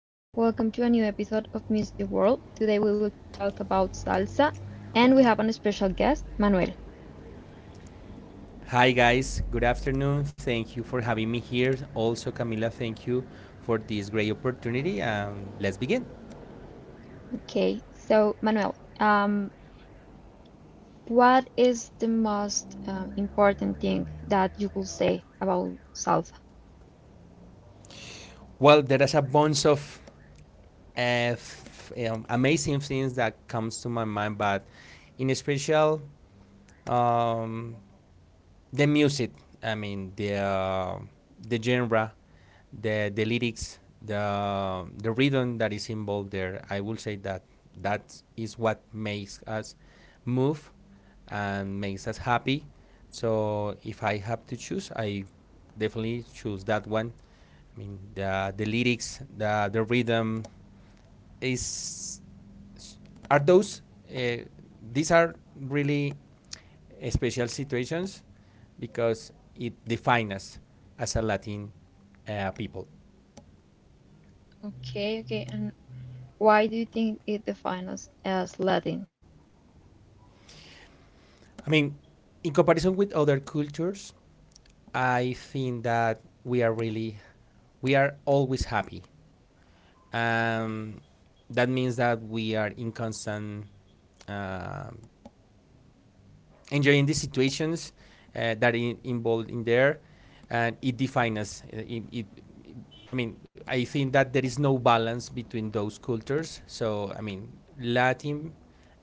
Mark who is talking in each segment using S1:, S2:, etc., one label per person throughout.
S1: Hi guys, welcome to a new episode of Music World. Today we will talk about salsa and we have a special guest, Manuel.
S2: Hi, guys. Good afternoon. Thank you for having me here. Also, Camila, thank you for this great opportunity. Let's begin.
S1: Okay, so Manuel, what is the most important thing that you could say about salsa?
S2: Well, there is a bunch of amazing things that comes to my mind, but in special, um, the music. I mean the genre, the lyrics, the rhythm that is involved there. I will say that that is what makes us move and makes us happy. So if I have to choose, I definitely choose that one. I mean the lyrics, the rhythm is are those uh, these are really special situations because it defines us as a Latin people.
S1: Okay, okay, and why do you think it defines as Latin?
S2: I mean, in comparison with other cultures, I think that we are really, we are always happy. Um, that means that we are in constant uh, enjoying the situations uh, involved in there, and it defines us. I mean, I think that there is no balance between those cultures. So I mean, Latin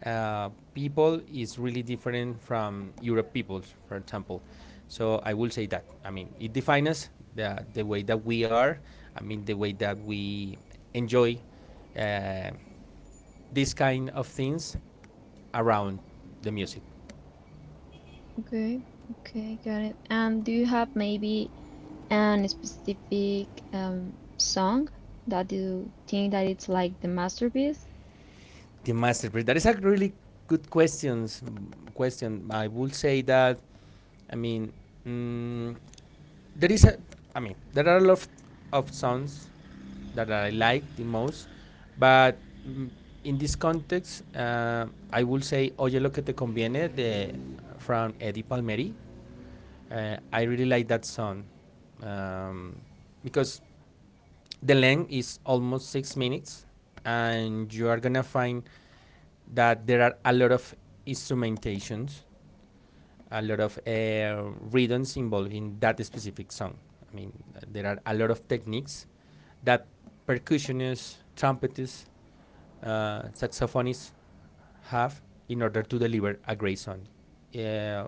S2: people is really different from Europe people, for example. So I will say that. I mean, it defines us the way that we are. I mean, the way that we enjoy uh, this kind of things around the music.
S1: Okay, okay, got it. And do you have maybe an specific song that you think that it's like the masterpiece?
S2: The masterpiece. That is a really good question. I would say that I mean mm, there is a I mean there are a lot of songs that I like the most, but mm, in this context, I would say Oye lo que te conviene de, from Eddie Palmieri. I really like that song um, because the length is almost 6 minutes, and you are gonna find that there are a lot of instrumentations, a lot of rhythms involved in that specific song. I mean, there are a lot of techniques that percussionists, trumpetists, saxophonists have in order to deliver a great song. Uh,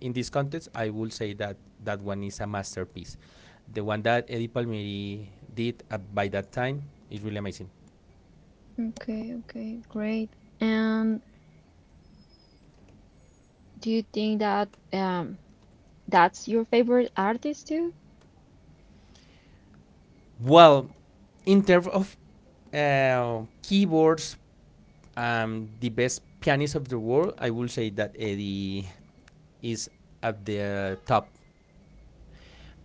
S2: in this context, I will say that that one is a masterpiece. The one that Eddie Palmieri did by that time is really amazing.
S1: Okay, okay, great. And do you think that that's your favorite artist too?
S2: Well, in terms of keyboards, the best pianist of the world, I will say that Eddie is at the top.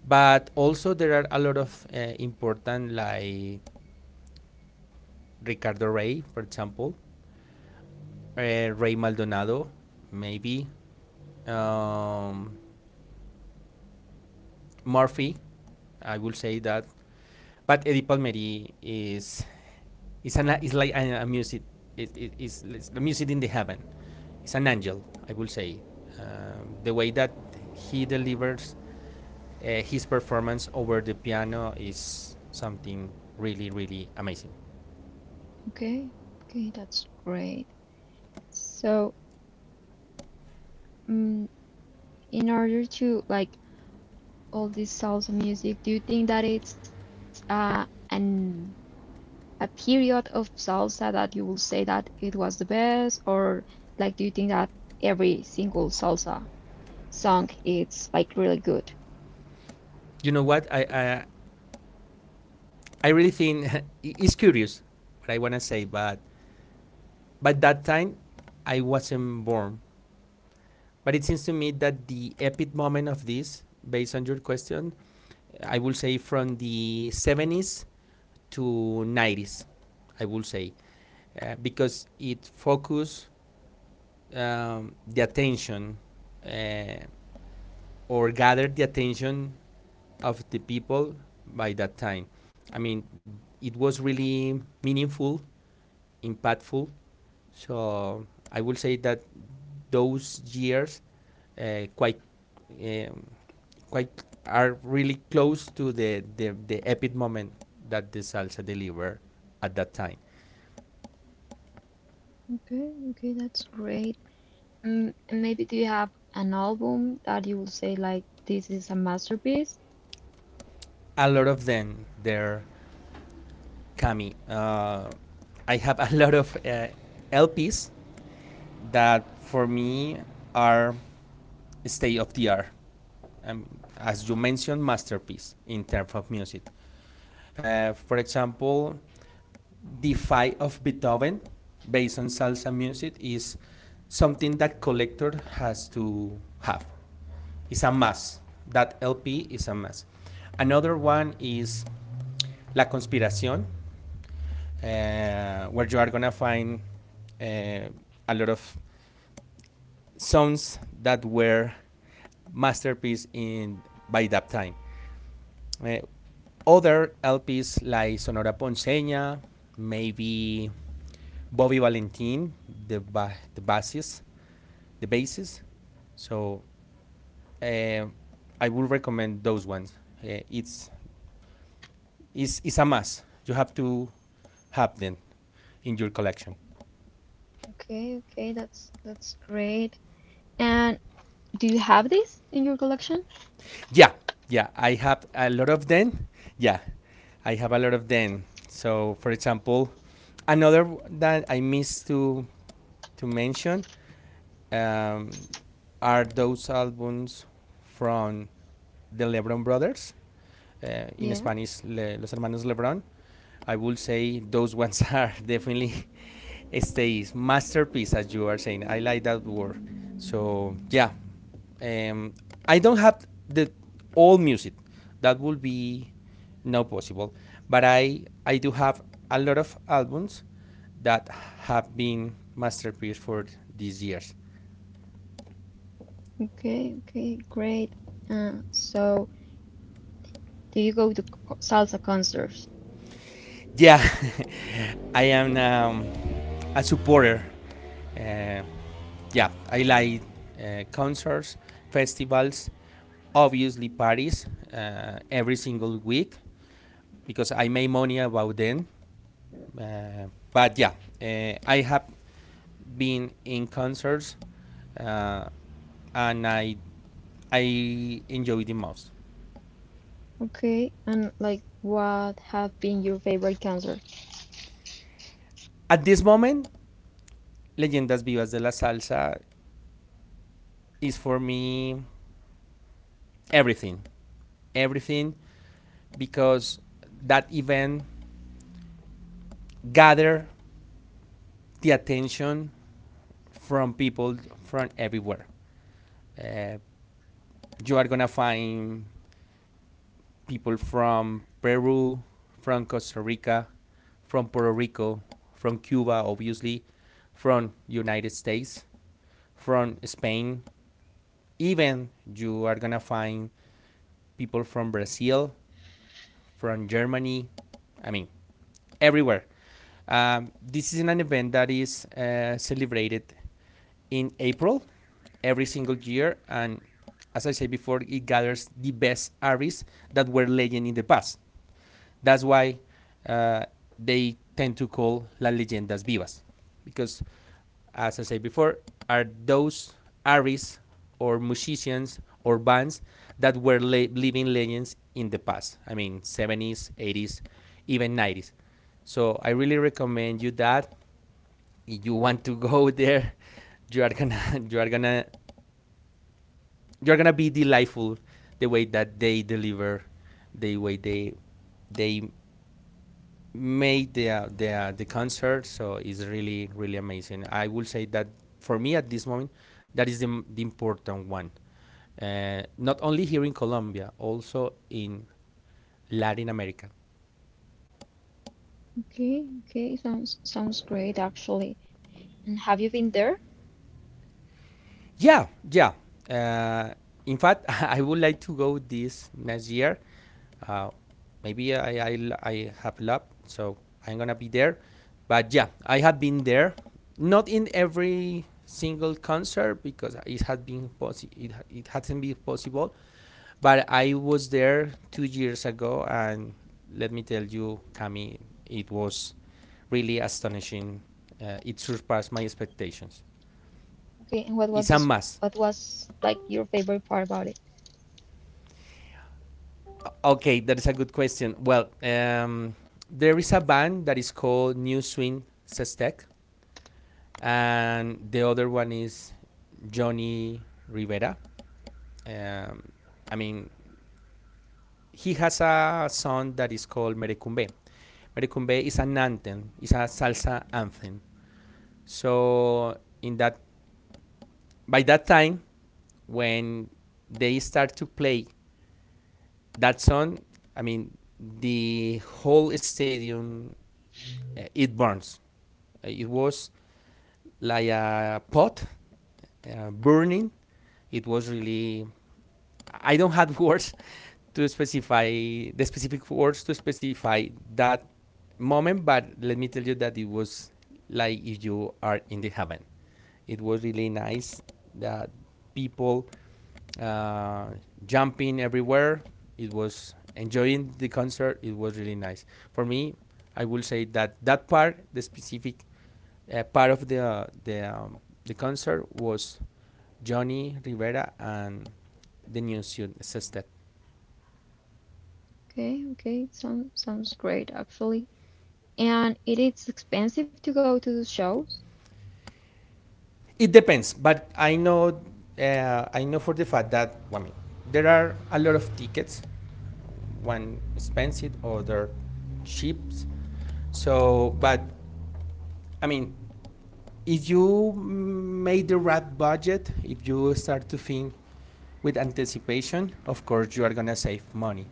S2: But also there are a lot of important like Ricardo Rey, for example, Rey Maldonado, maybe um, Murphy. I will say that. But Eddie Palmieri is an is like a music. It, is it, the music in the heaven. It's an angel. I will say the way that he delivers his performance over the piano is something really, really amazing.
S1: Okay, okay, that's great. So, um, in order to like all this salsa music, do you think that it's an a period of salsa that you will say that it was the best, or like do you think that every single salsa song it's like really good?
S2: You know what? I really think it's curious what I wanna say, but by that time I wasn't born. But it seems to me that the epic moment of this, based on your question, I will say from the 70s to 90s, I will say, because it focused the attention uh, or gathered the attention of the people by that time. I mean, it was really meaningful, impactful. So I will say that those years uh, quite um, quite are really close to the epic moment that the salsa delivered at that time.
S1: Okay, okay, that's great. Mm, and maybe do you have an album that you would say like this is a masterpiece?
S2: A lot of them, they're coming. I have a lot of LPs that for me are state of the art. Um, as you mentioned, masterpiece in terms of music. For example, the fight of Beethoven, based on salsa music, is something that collector has to have. It's a must. That LP is a must. Another one is La Conspiración, where you are gonna find uh, a lot of songs that were masterpiece in by that time. Uh, other LPs like Sonora Ponceña, maybe Bobby Valentin, the bassist, the bassist. So uh, I would recommend those ones. Uh, it's a must. You have to have them in your collection.
S1: Okay, okay, that's great. And do you have this in your collection?
S2: Yeah, yeah. I have a lot of them. Yeah, I have a lot of them. So for example, another that I missed to mention um, are those albums from the LeBron Brothers in
S1: Yeah.
S2: Spanish, Los Hermanos Lebron. I would say those ones are definitely stays masterpiece, as you are saying. I like that word. So yeah, um, I don't have the all music. That would be not possible. But I do have a lot of albums that have been masterpiece for these years.
S1: Okay, okay, great. So do you go to salsa concerts?
S2: Yeah, I am a supporter. Uh, yeah, I like concerts, festivals, obviously parties every single week because I make money about them. Uh, but yeah, I have been in concerts uh, and I enjoy the most.
S1: Okay, and like what have been your favorite concerts?
S2: At this moment, Leyendas Vivas de la Salsa is for me everything, everything, because that event gather the attention from people from everywhere. Uh, you are gonna find people from Peru, from Costa Rica, from Puerto Rico, from Cuba, obviously, from United States, from Spain. Even you are gonna find people from Brazil, from Germany. I mean, everywhere. This is an event that is celebrated in April every single year, and as I said before, it gathers the best artists that were legend in the past. That's why uh, they tend to call las leyendas vivas, because, as I said before, are those artists or musicians or bands that were living legends in the past. I mean, 70s, 80s, even 90s. So I really recommend you that. If you want to go there, you are gonna, you are gonna, you are gonna be delightful the way that they deliver, the way they made the concert, so it's really really amazing. I will say that for me at this moment, that is the important one. Not only here in Colombia, also in Latin America.
S1: Okay, okay, sounds great actually. And have you been there?
S2: Yeah, yeah. Uh, in fact, I would like to go this next year uh, maybe I have lab, so I'm gonna be there. But yeah, I have been there, not in every single concert because it hadn't been possible. But I was there 2 years ago, and let me tell you, Cami, it was really astonishing. It surpassed my expectations.
S1: Okay, and what was
S2: It's a
S1: this?
S2: must.
S1: What was like your favorite part about it?
S2: Okay, that is a good question. Well, there is a band that is called New Swing Sestek and the other one is Johnny Rivera. Um, I mean, he has a song that is called Merecumbe. Merecumbe is an anthem, it's a salsa anthem. So in that, by that time, when they start to play that song, I mean, the whole stadium it burns. It was like a pot burning. It was really. I don't have words to specify the specific words to specify that moment, but let me tell you that it was like if you are in the heaven. It was really nice that people uh, jumping everywhere. It was enjoying the concert. It was really nice for me. I will say that that part, the specific part of the concert was Johnny Rivera and the new sextet.
S1: Okay, okay, it sounds great actually. And it is expensive to go to the shows.
S2: It depends, but I know for the fact that well, I mean there are a lot of tickets, one expensive, other cheap. So, but I mean, if you make the right budget, if you start to think with anticipation, of course you are gonna save money.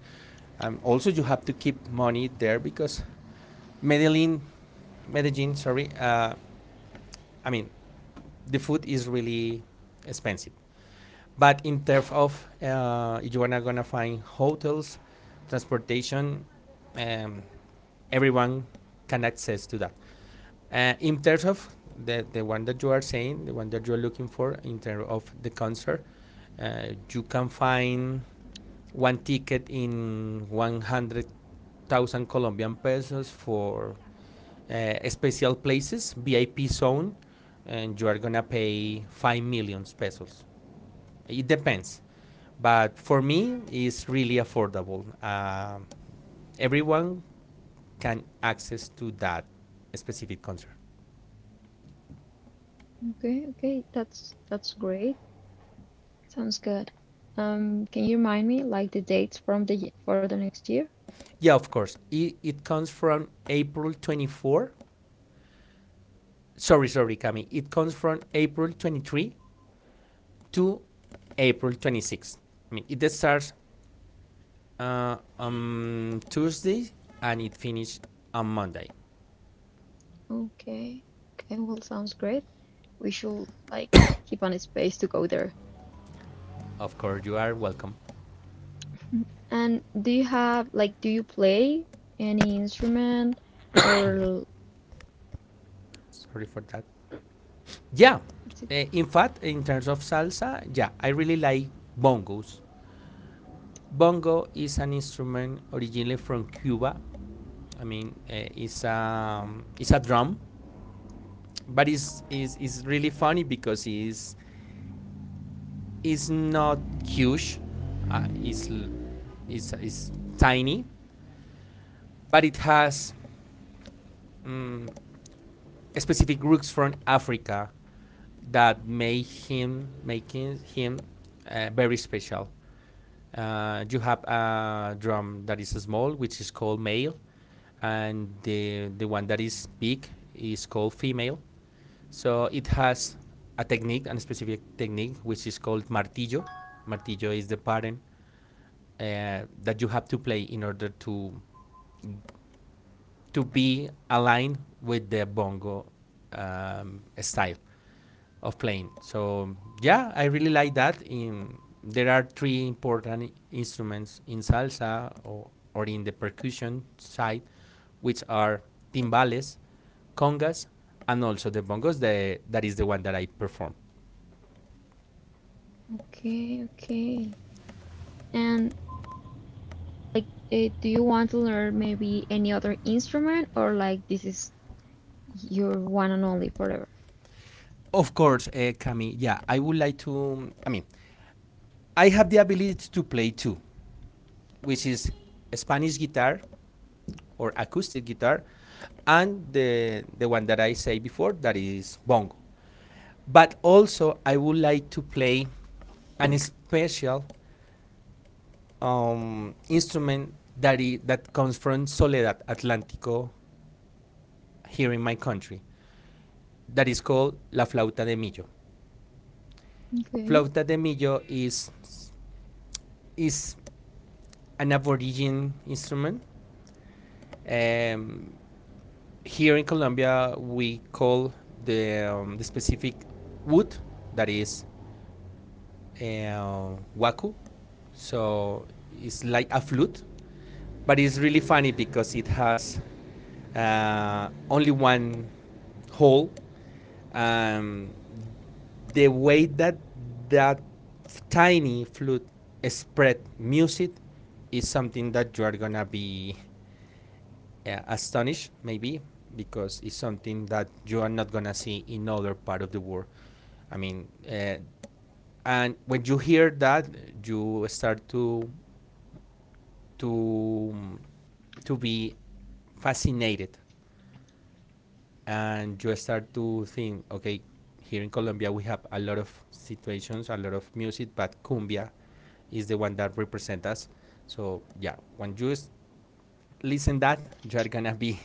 S2: And also you have to keep money there because Medellin, Medellin, sorry, I mean the food is really expensive. But in terms of if you are not gonna find hotels, transportation, um, everyone can access to that. In terms of the one that you are saying, the one that you are looking for, in terms of the concert, you can find one ticket in 100,000 Colombian pesos for special places, VIP zone, and you are gonna pay 5 million pesos. It depends. But for me, it's really affordable. Everyone can access to that specific concert.
S1: Okay, okay, that's great. Sounds good. Can you remind me like the dates from the for the next year?
S2: Yeah, of course. It comes from April 24. Sorry, sorry, Cami. It comes from April 23 to April 26. I mean, it starts on Tuesday and it finishes on Monday.
S1: Okay, okay, well, sounds great. We should like keep on a space to go there.
S2: Of course, you are welcome.
S1: Mm. And do you have like do you play any instrument or
S2: Sorry for that. Yeah.
S1: it's it
S2: In fact, in terms of salsa, yeah, I really like bongos. Bongo is an instrument originally from Cuba. I mean, it's a drum, but it's really funny because it's not huge. Uh, it's tiny, but it has um, specific roots from Africa that make him making him very special. You have a drum that is small, which is called male, and the one that is big is called female. So it has a specific technique, which is called martillo. Martillo is the pattern that you have to play in order to be aligned with the bongo style of playing. So yeah, I really like that. In, there are three important instruments in salsa, or in the percussion side, which are timbales, congas, and also the bongos. The that is the one that I perform.
S1: okay, okay. And like, do you want to learn maybe any other instrument, or like this is your one and only forever?
S2: Of course, Cami. Yeah, I would like to. I mean, I have the ability to play two, which is Spanish guitar or acoustic guitar, and the one that I say before that is bongo. But also, I would like to play an special instrument that comes from Soledad Atlántico here in my country, that is called La Flauta de Millo.
S1: Okay.
S2: Flauta de Millo is an aboriginal instrument. Um, Here in Colombia, we call the specific wood that is waku, so it's like a flute, but it's really funny because it has only one hole. Um, the way that tiny flute spread music is something that you are gonna be astonished maybe because it's something that you are not gonna see in other part of the world. I mean, and when you hear that, you start to to be fascinated, and you start to think, okay, here in Colombia we have a lot of situations, a lot of music, but cumbia is the one that represents us. So yeah, when you listen that, you are gonna be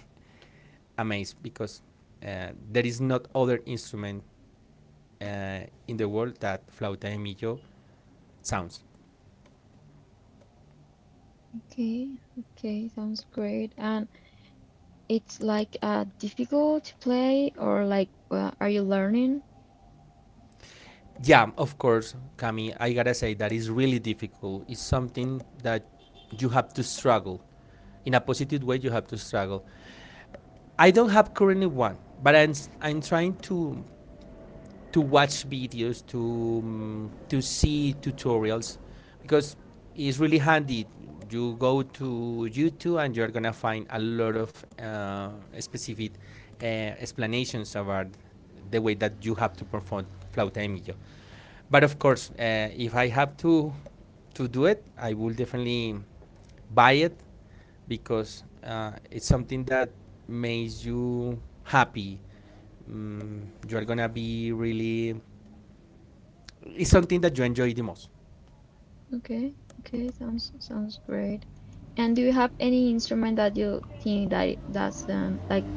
S2: amazed because there is not other instrument uh, in the world that flauta de millo sounds.
S1: Okay, okay, sounds great. And it's like difficult to play, or like are you learning?
S2: Yeah, of course, Cami, I gotta say that is really difficult. It's something that you have to struggle. In a positive way, you have to struggle. I don't have currently one, but I'm trying to watch videos, to see tutorials, because it's really handy. You go to YouTube and you're gonna find a lot of specific uh, explanations about the way that you have to perform flauta de millo. But of course, if I have to do it, I will definitely buy it because it's something that makes you happy. You are gonna be really. It's something that you enjoy the most.
S1: Okay, okay, sounds great. And do you have any instrument that you think that it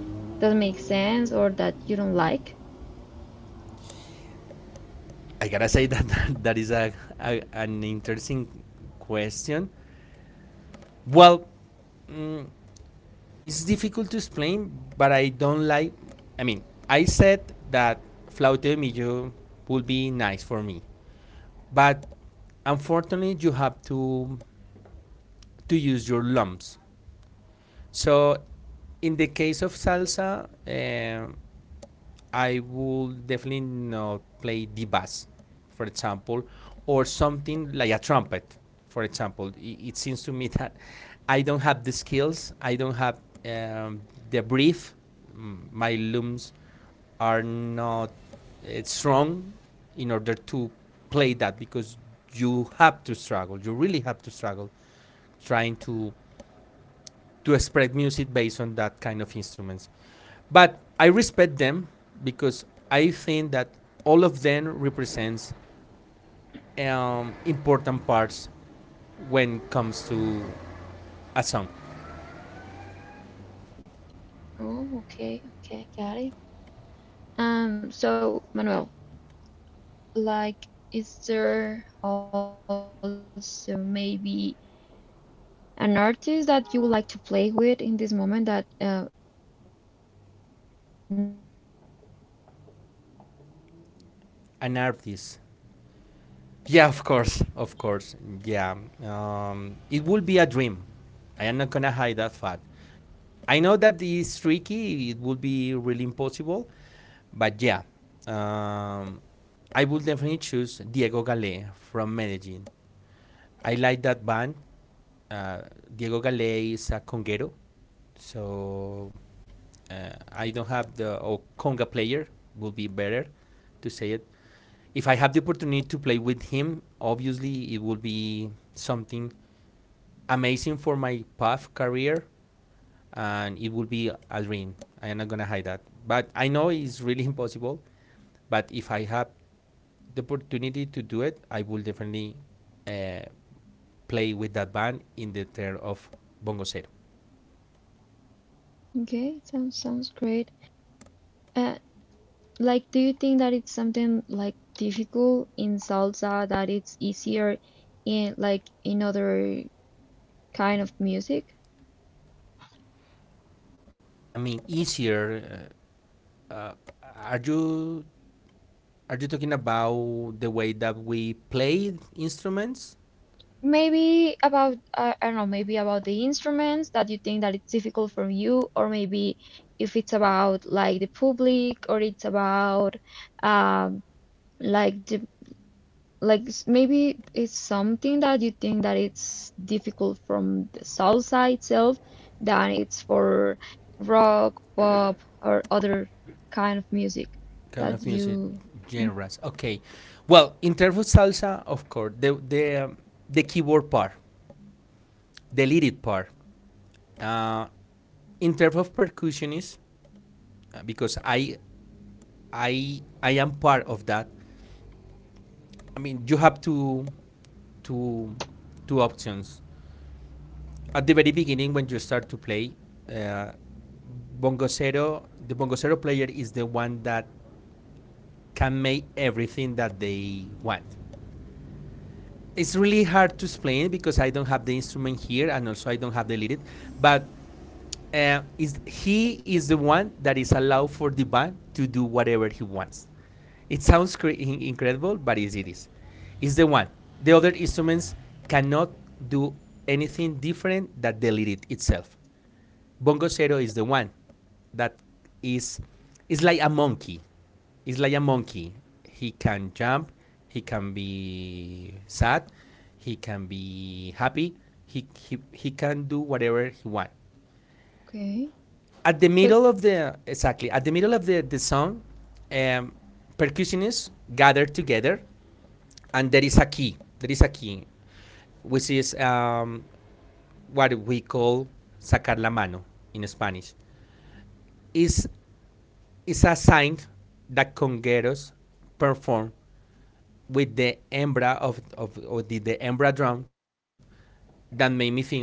S1: doesn't make sense or that you don't like?
S2: I gotta say that is a an interesting question. Well, mm, it's difficult to explain, but I don't like. I mean, I said that flauta de Millo would be nice for me, but unfortunately, you have to use your lumps. So, in the case of salsa, I would definitely not play the bass, for example, or something like a trumpet, for example. It seems to me that I don't have the skills, I don't have um, the brief. My looms are not strong in order to play that because you have to struggle. You really have to struggle trying to spread music based on that kind of instruments. But I respect them because I think that all of them represents important parts when it comes to a song,
S1: Oh, okay, okay, got it. So Manuel, like, is there also maybe an artist that you would like to play with in this moment that now that you play some instruments too? Like, it's maybe a band or you're not interested in
S2: an
S1: something
S2: artist.
S1: that big or like,
S2: Yeah, of course, of course. Yeah, it will be a dream. I am not gonna hide that fact. I know that it's tricky. It would be really impossible, but yeah, um, I would definitely choose Diego Galé from Medellin. I like that band. Uh, Diego Galé is a conguero, so I don't have the oh, conga player would be better to say it. If I have the opportunity to play with him, obviously it will be something amazing for my path career, and it will be a dream. I'm not gonna hide that, but I know it's really impossible. But if I have the opportunity to do it, I will definitely uh, play with that band in the term of bongo cero.
S1: okay, sounds great. Uh, like, do you think that it's something like difficult in salsa that it's easier in like in other kind of music?
S2: I mean, easier. Uh, uh, are you are you talking about the way that we play instruments?
S1: Maybe about, I don't know, maybe about the instruments that you think that it's difficult for you, or maybe if it's about like the public, or it's about um, like the like maybe it's something that you think that it's difficult from the salsa itself than it's for rock, pop, or other kind of music
S2: Kind of
S1: that
S2: music
S1: you. Mm.
S2: genres. Okay. Well, in terms of salsa, of course, the keyboard part, the lead part. Uh, in terms of percussionists, because I am part of that. I mean, you have two, two options. At the very beginning, when you start to play, uh, Bongo the Bongo player is the one that can make everything that they want. It's really hard to explain because I don't have the instrument here and also I don't have the lead. But is he is the one that is allowed for the band to do whatever he wants. It sounds incredible, but is it is. It's the one. The other instruments cannot do anything different than the lead itself. Bongo Zero is the one that is is like a monkey. It's like a monkey. He can jump. He can be sad. He can be happy. He can do whatever he want.
S1: Okay.
S2: At the
S1: So,
S2: middle of the Exactly at the middle of the song, um, percussionists gather together, and there is a key. There is a key, which is what we call sacar la mano in Spanish. Is Is a sign that congueros perform with the hembra of the hembra drum that made me think, okay,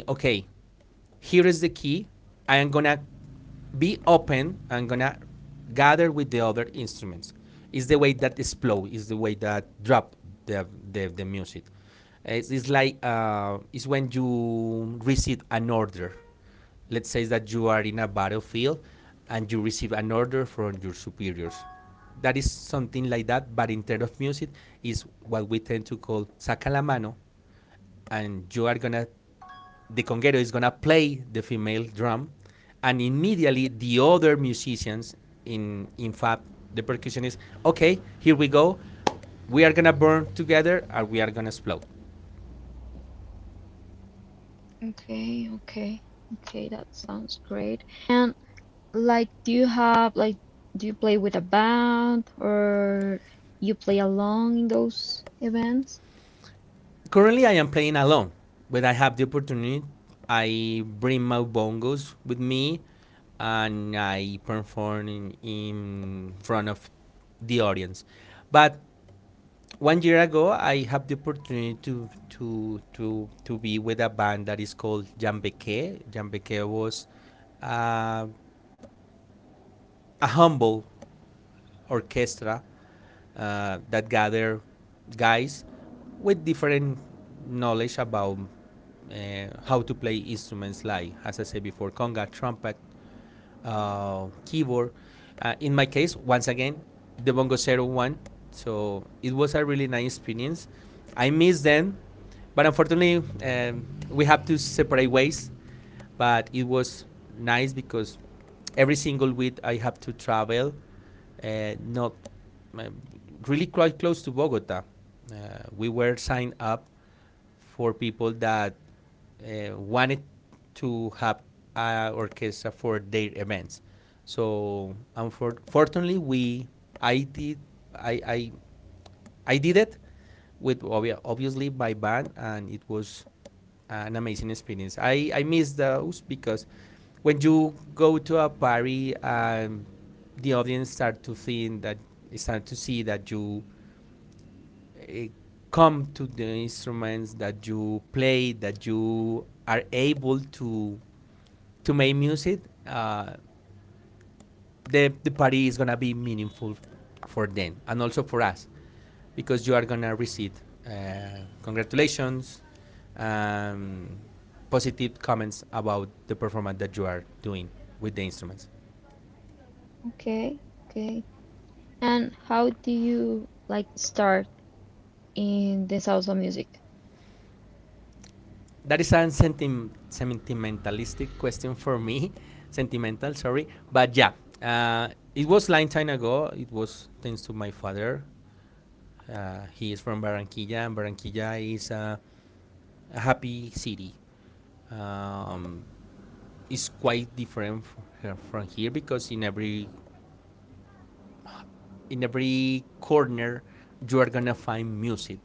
S2: here is the key. I am gonna be open. I'm gonna gather with the other instruments. It's the way that is flow. It's the way that drop the music. It's like, it's when you receive an order. Let's say that you are in a battlefield and you receive an order from your superiors. That is something like that, but in terms of music, is what we tend to call saca la mano, and you are gonna the conguero is gonna play the female drum and immediately the other musicians, in fact the percussionist, okay, here we go, we are gonna burn together and we are gonna explode.
S1: okay, okay, okay, that sounds great. And, like, do you have like do you play with a band or you play along in those events?
S2: Currently, I am playing alone. When I have the opportunity, I bring my bongos with me and I perform in front of the audience. But one year ago, I have the opportunity to be with a band that is called Jambeke. Jambeke was uh, a humble orchestra that gather guys with different knowledge about how to play instruments like, as I said before, conga, trumpet, keyboard. In my case, once again, the Bongo Zero one. So it was a really nice experience. I miss them, but unfortunately, we have to separate ways, but it was nice because every single week I have to travel, not uh, really quite close to Bogota. Uh, we were signed up for people that wanted to have an orchestra for their events. So unfortunately, we I did I, I I did it with obviously my band, and it was an amazing experience. I miss those because when you go to a party, the audience start to think that start to see that you uh, come to the instruments that you play, that you are able to make music. Uh, the party is gonna be meaningful for them and also for us because you are gonna receive congratulations, um, positive comments about the performance that you are doing with the instruments.
S1: Okay, okay. And how do you like start in the salsa music?
S2: That is a sentimentalistic question for me, sentimental, sorry, but yeah, uh, it was a long time ago. It was thanks to my father. He is from Barranquilla, and Barranquilla is a happy city. Um, is quite different from here because in every corner you are gonna find music.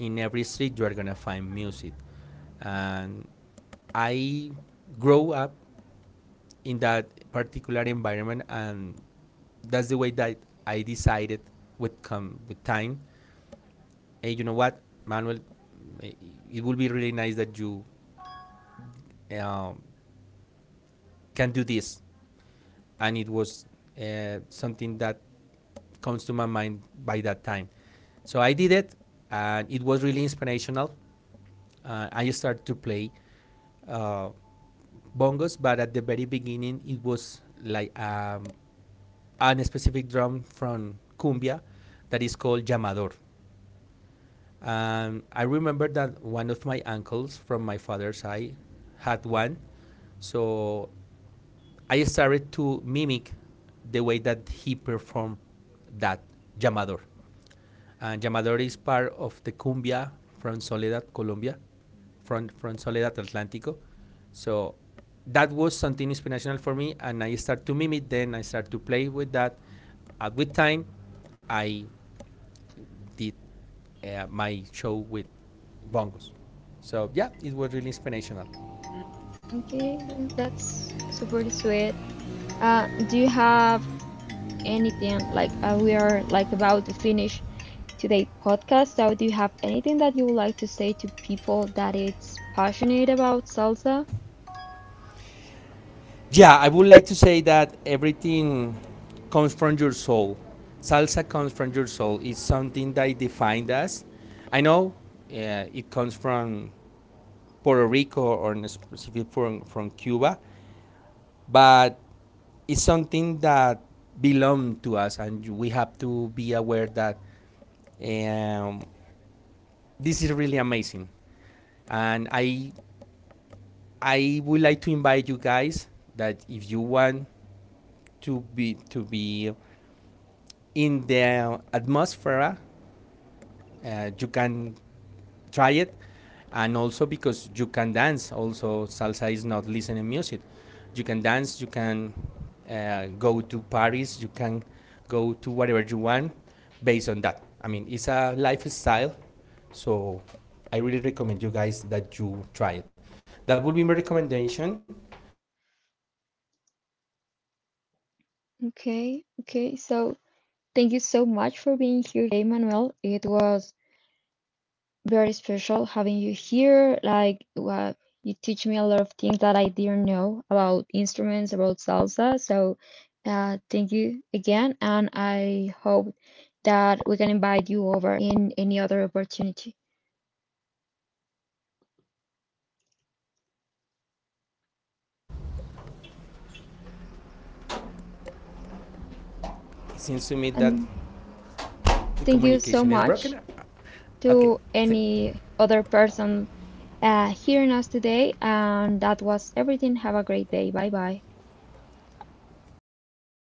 S2: In every street you are gonna find music, and I grow up in that particular environment, and that's the way that I decided with come with time. Hey, you know what, Manuel? eh, It would be really nice that you um, can do this, and it was something that comes to my mind by that time. So I did it, and it was really inspirational. I started to play uh, bongos, but at the very beginning, it was like a specific drum from cumbia that is called llamador. I remember that one of my uncles from my father's side had one, so I started to mimic the way that he performed that llamador. And llamador is part of the cumbia from Soledad, Colombia, from Soledad Atlántico. So that was something inspirational for me, and I start to mimic. Then I start to play with that. At with time, I did my show with bongos. So yeah, it was really inspirational.
S1: Okay, that's super sweet. Do you have anything like we are like about to finish today podcast? So do you have anything that you would like to say to people that it's passionate about salsa?
S2: Yeah, I would like to say that everything comes from your soul. Salsa comes from your soul. It's something that defined us. I know it comes from Puerto Rico or in specific from Cuba, but it's something that belongs to us, and we have to be aware that um, this is really amazing, and I would like to invite you guys that if you want to be in the atmosphere, you can try it. And also because you can dance. Also, salsa is not listening music, you can dance. You can go to Paris. You can go to whatever you want based on that. I mean, it's a lifestyle. So I really recommend you guys that you try it. That would be my recommendation. So if you want to follow, it will be really really amazing.
S1: Okay, okay. So thank you so much for being here today, Manuel. It was very special having you here. Like, well, you teach me a lot of things that I didn't know about instruments, about salsa. So, thank you again, and I hope that we can invite you over in any other opportunity.
S2: Are you there? It seems to me that
S1: And
S2: the communication
S1: thank
S2: is
S1: you so
S2: broken.
S1: much
S2: Okay.
S1: to
S2: Th-
S1: any other person hearing us today. And that was everything. Have a great day. Bye bye.
S2: バイバイ。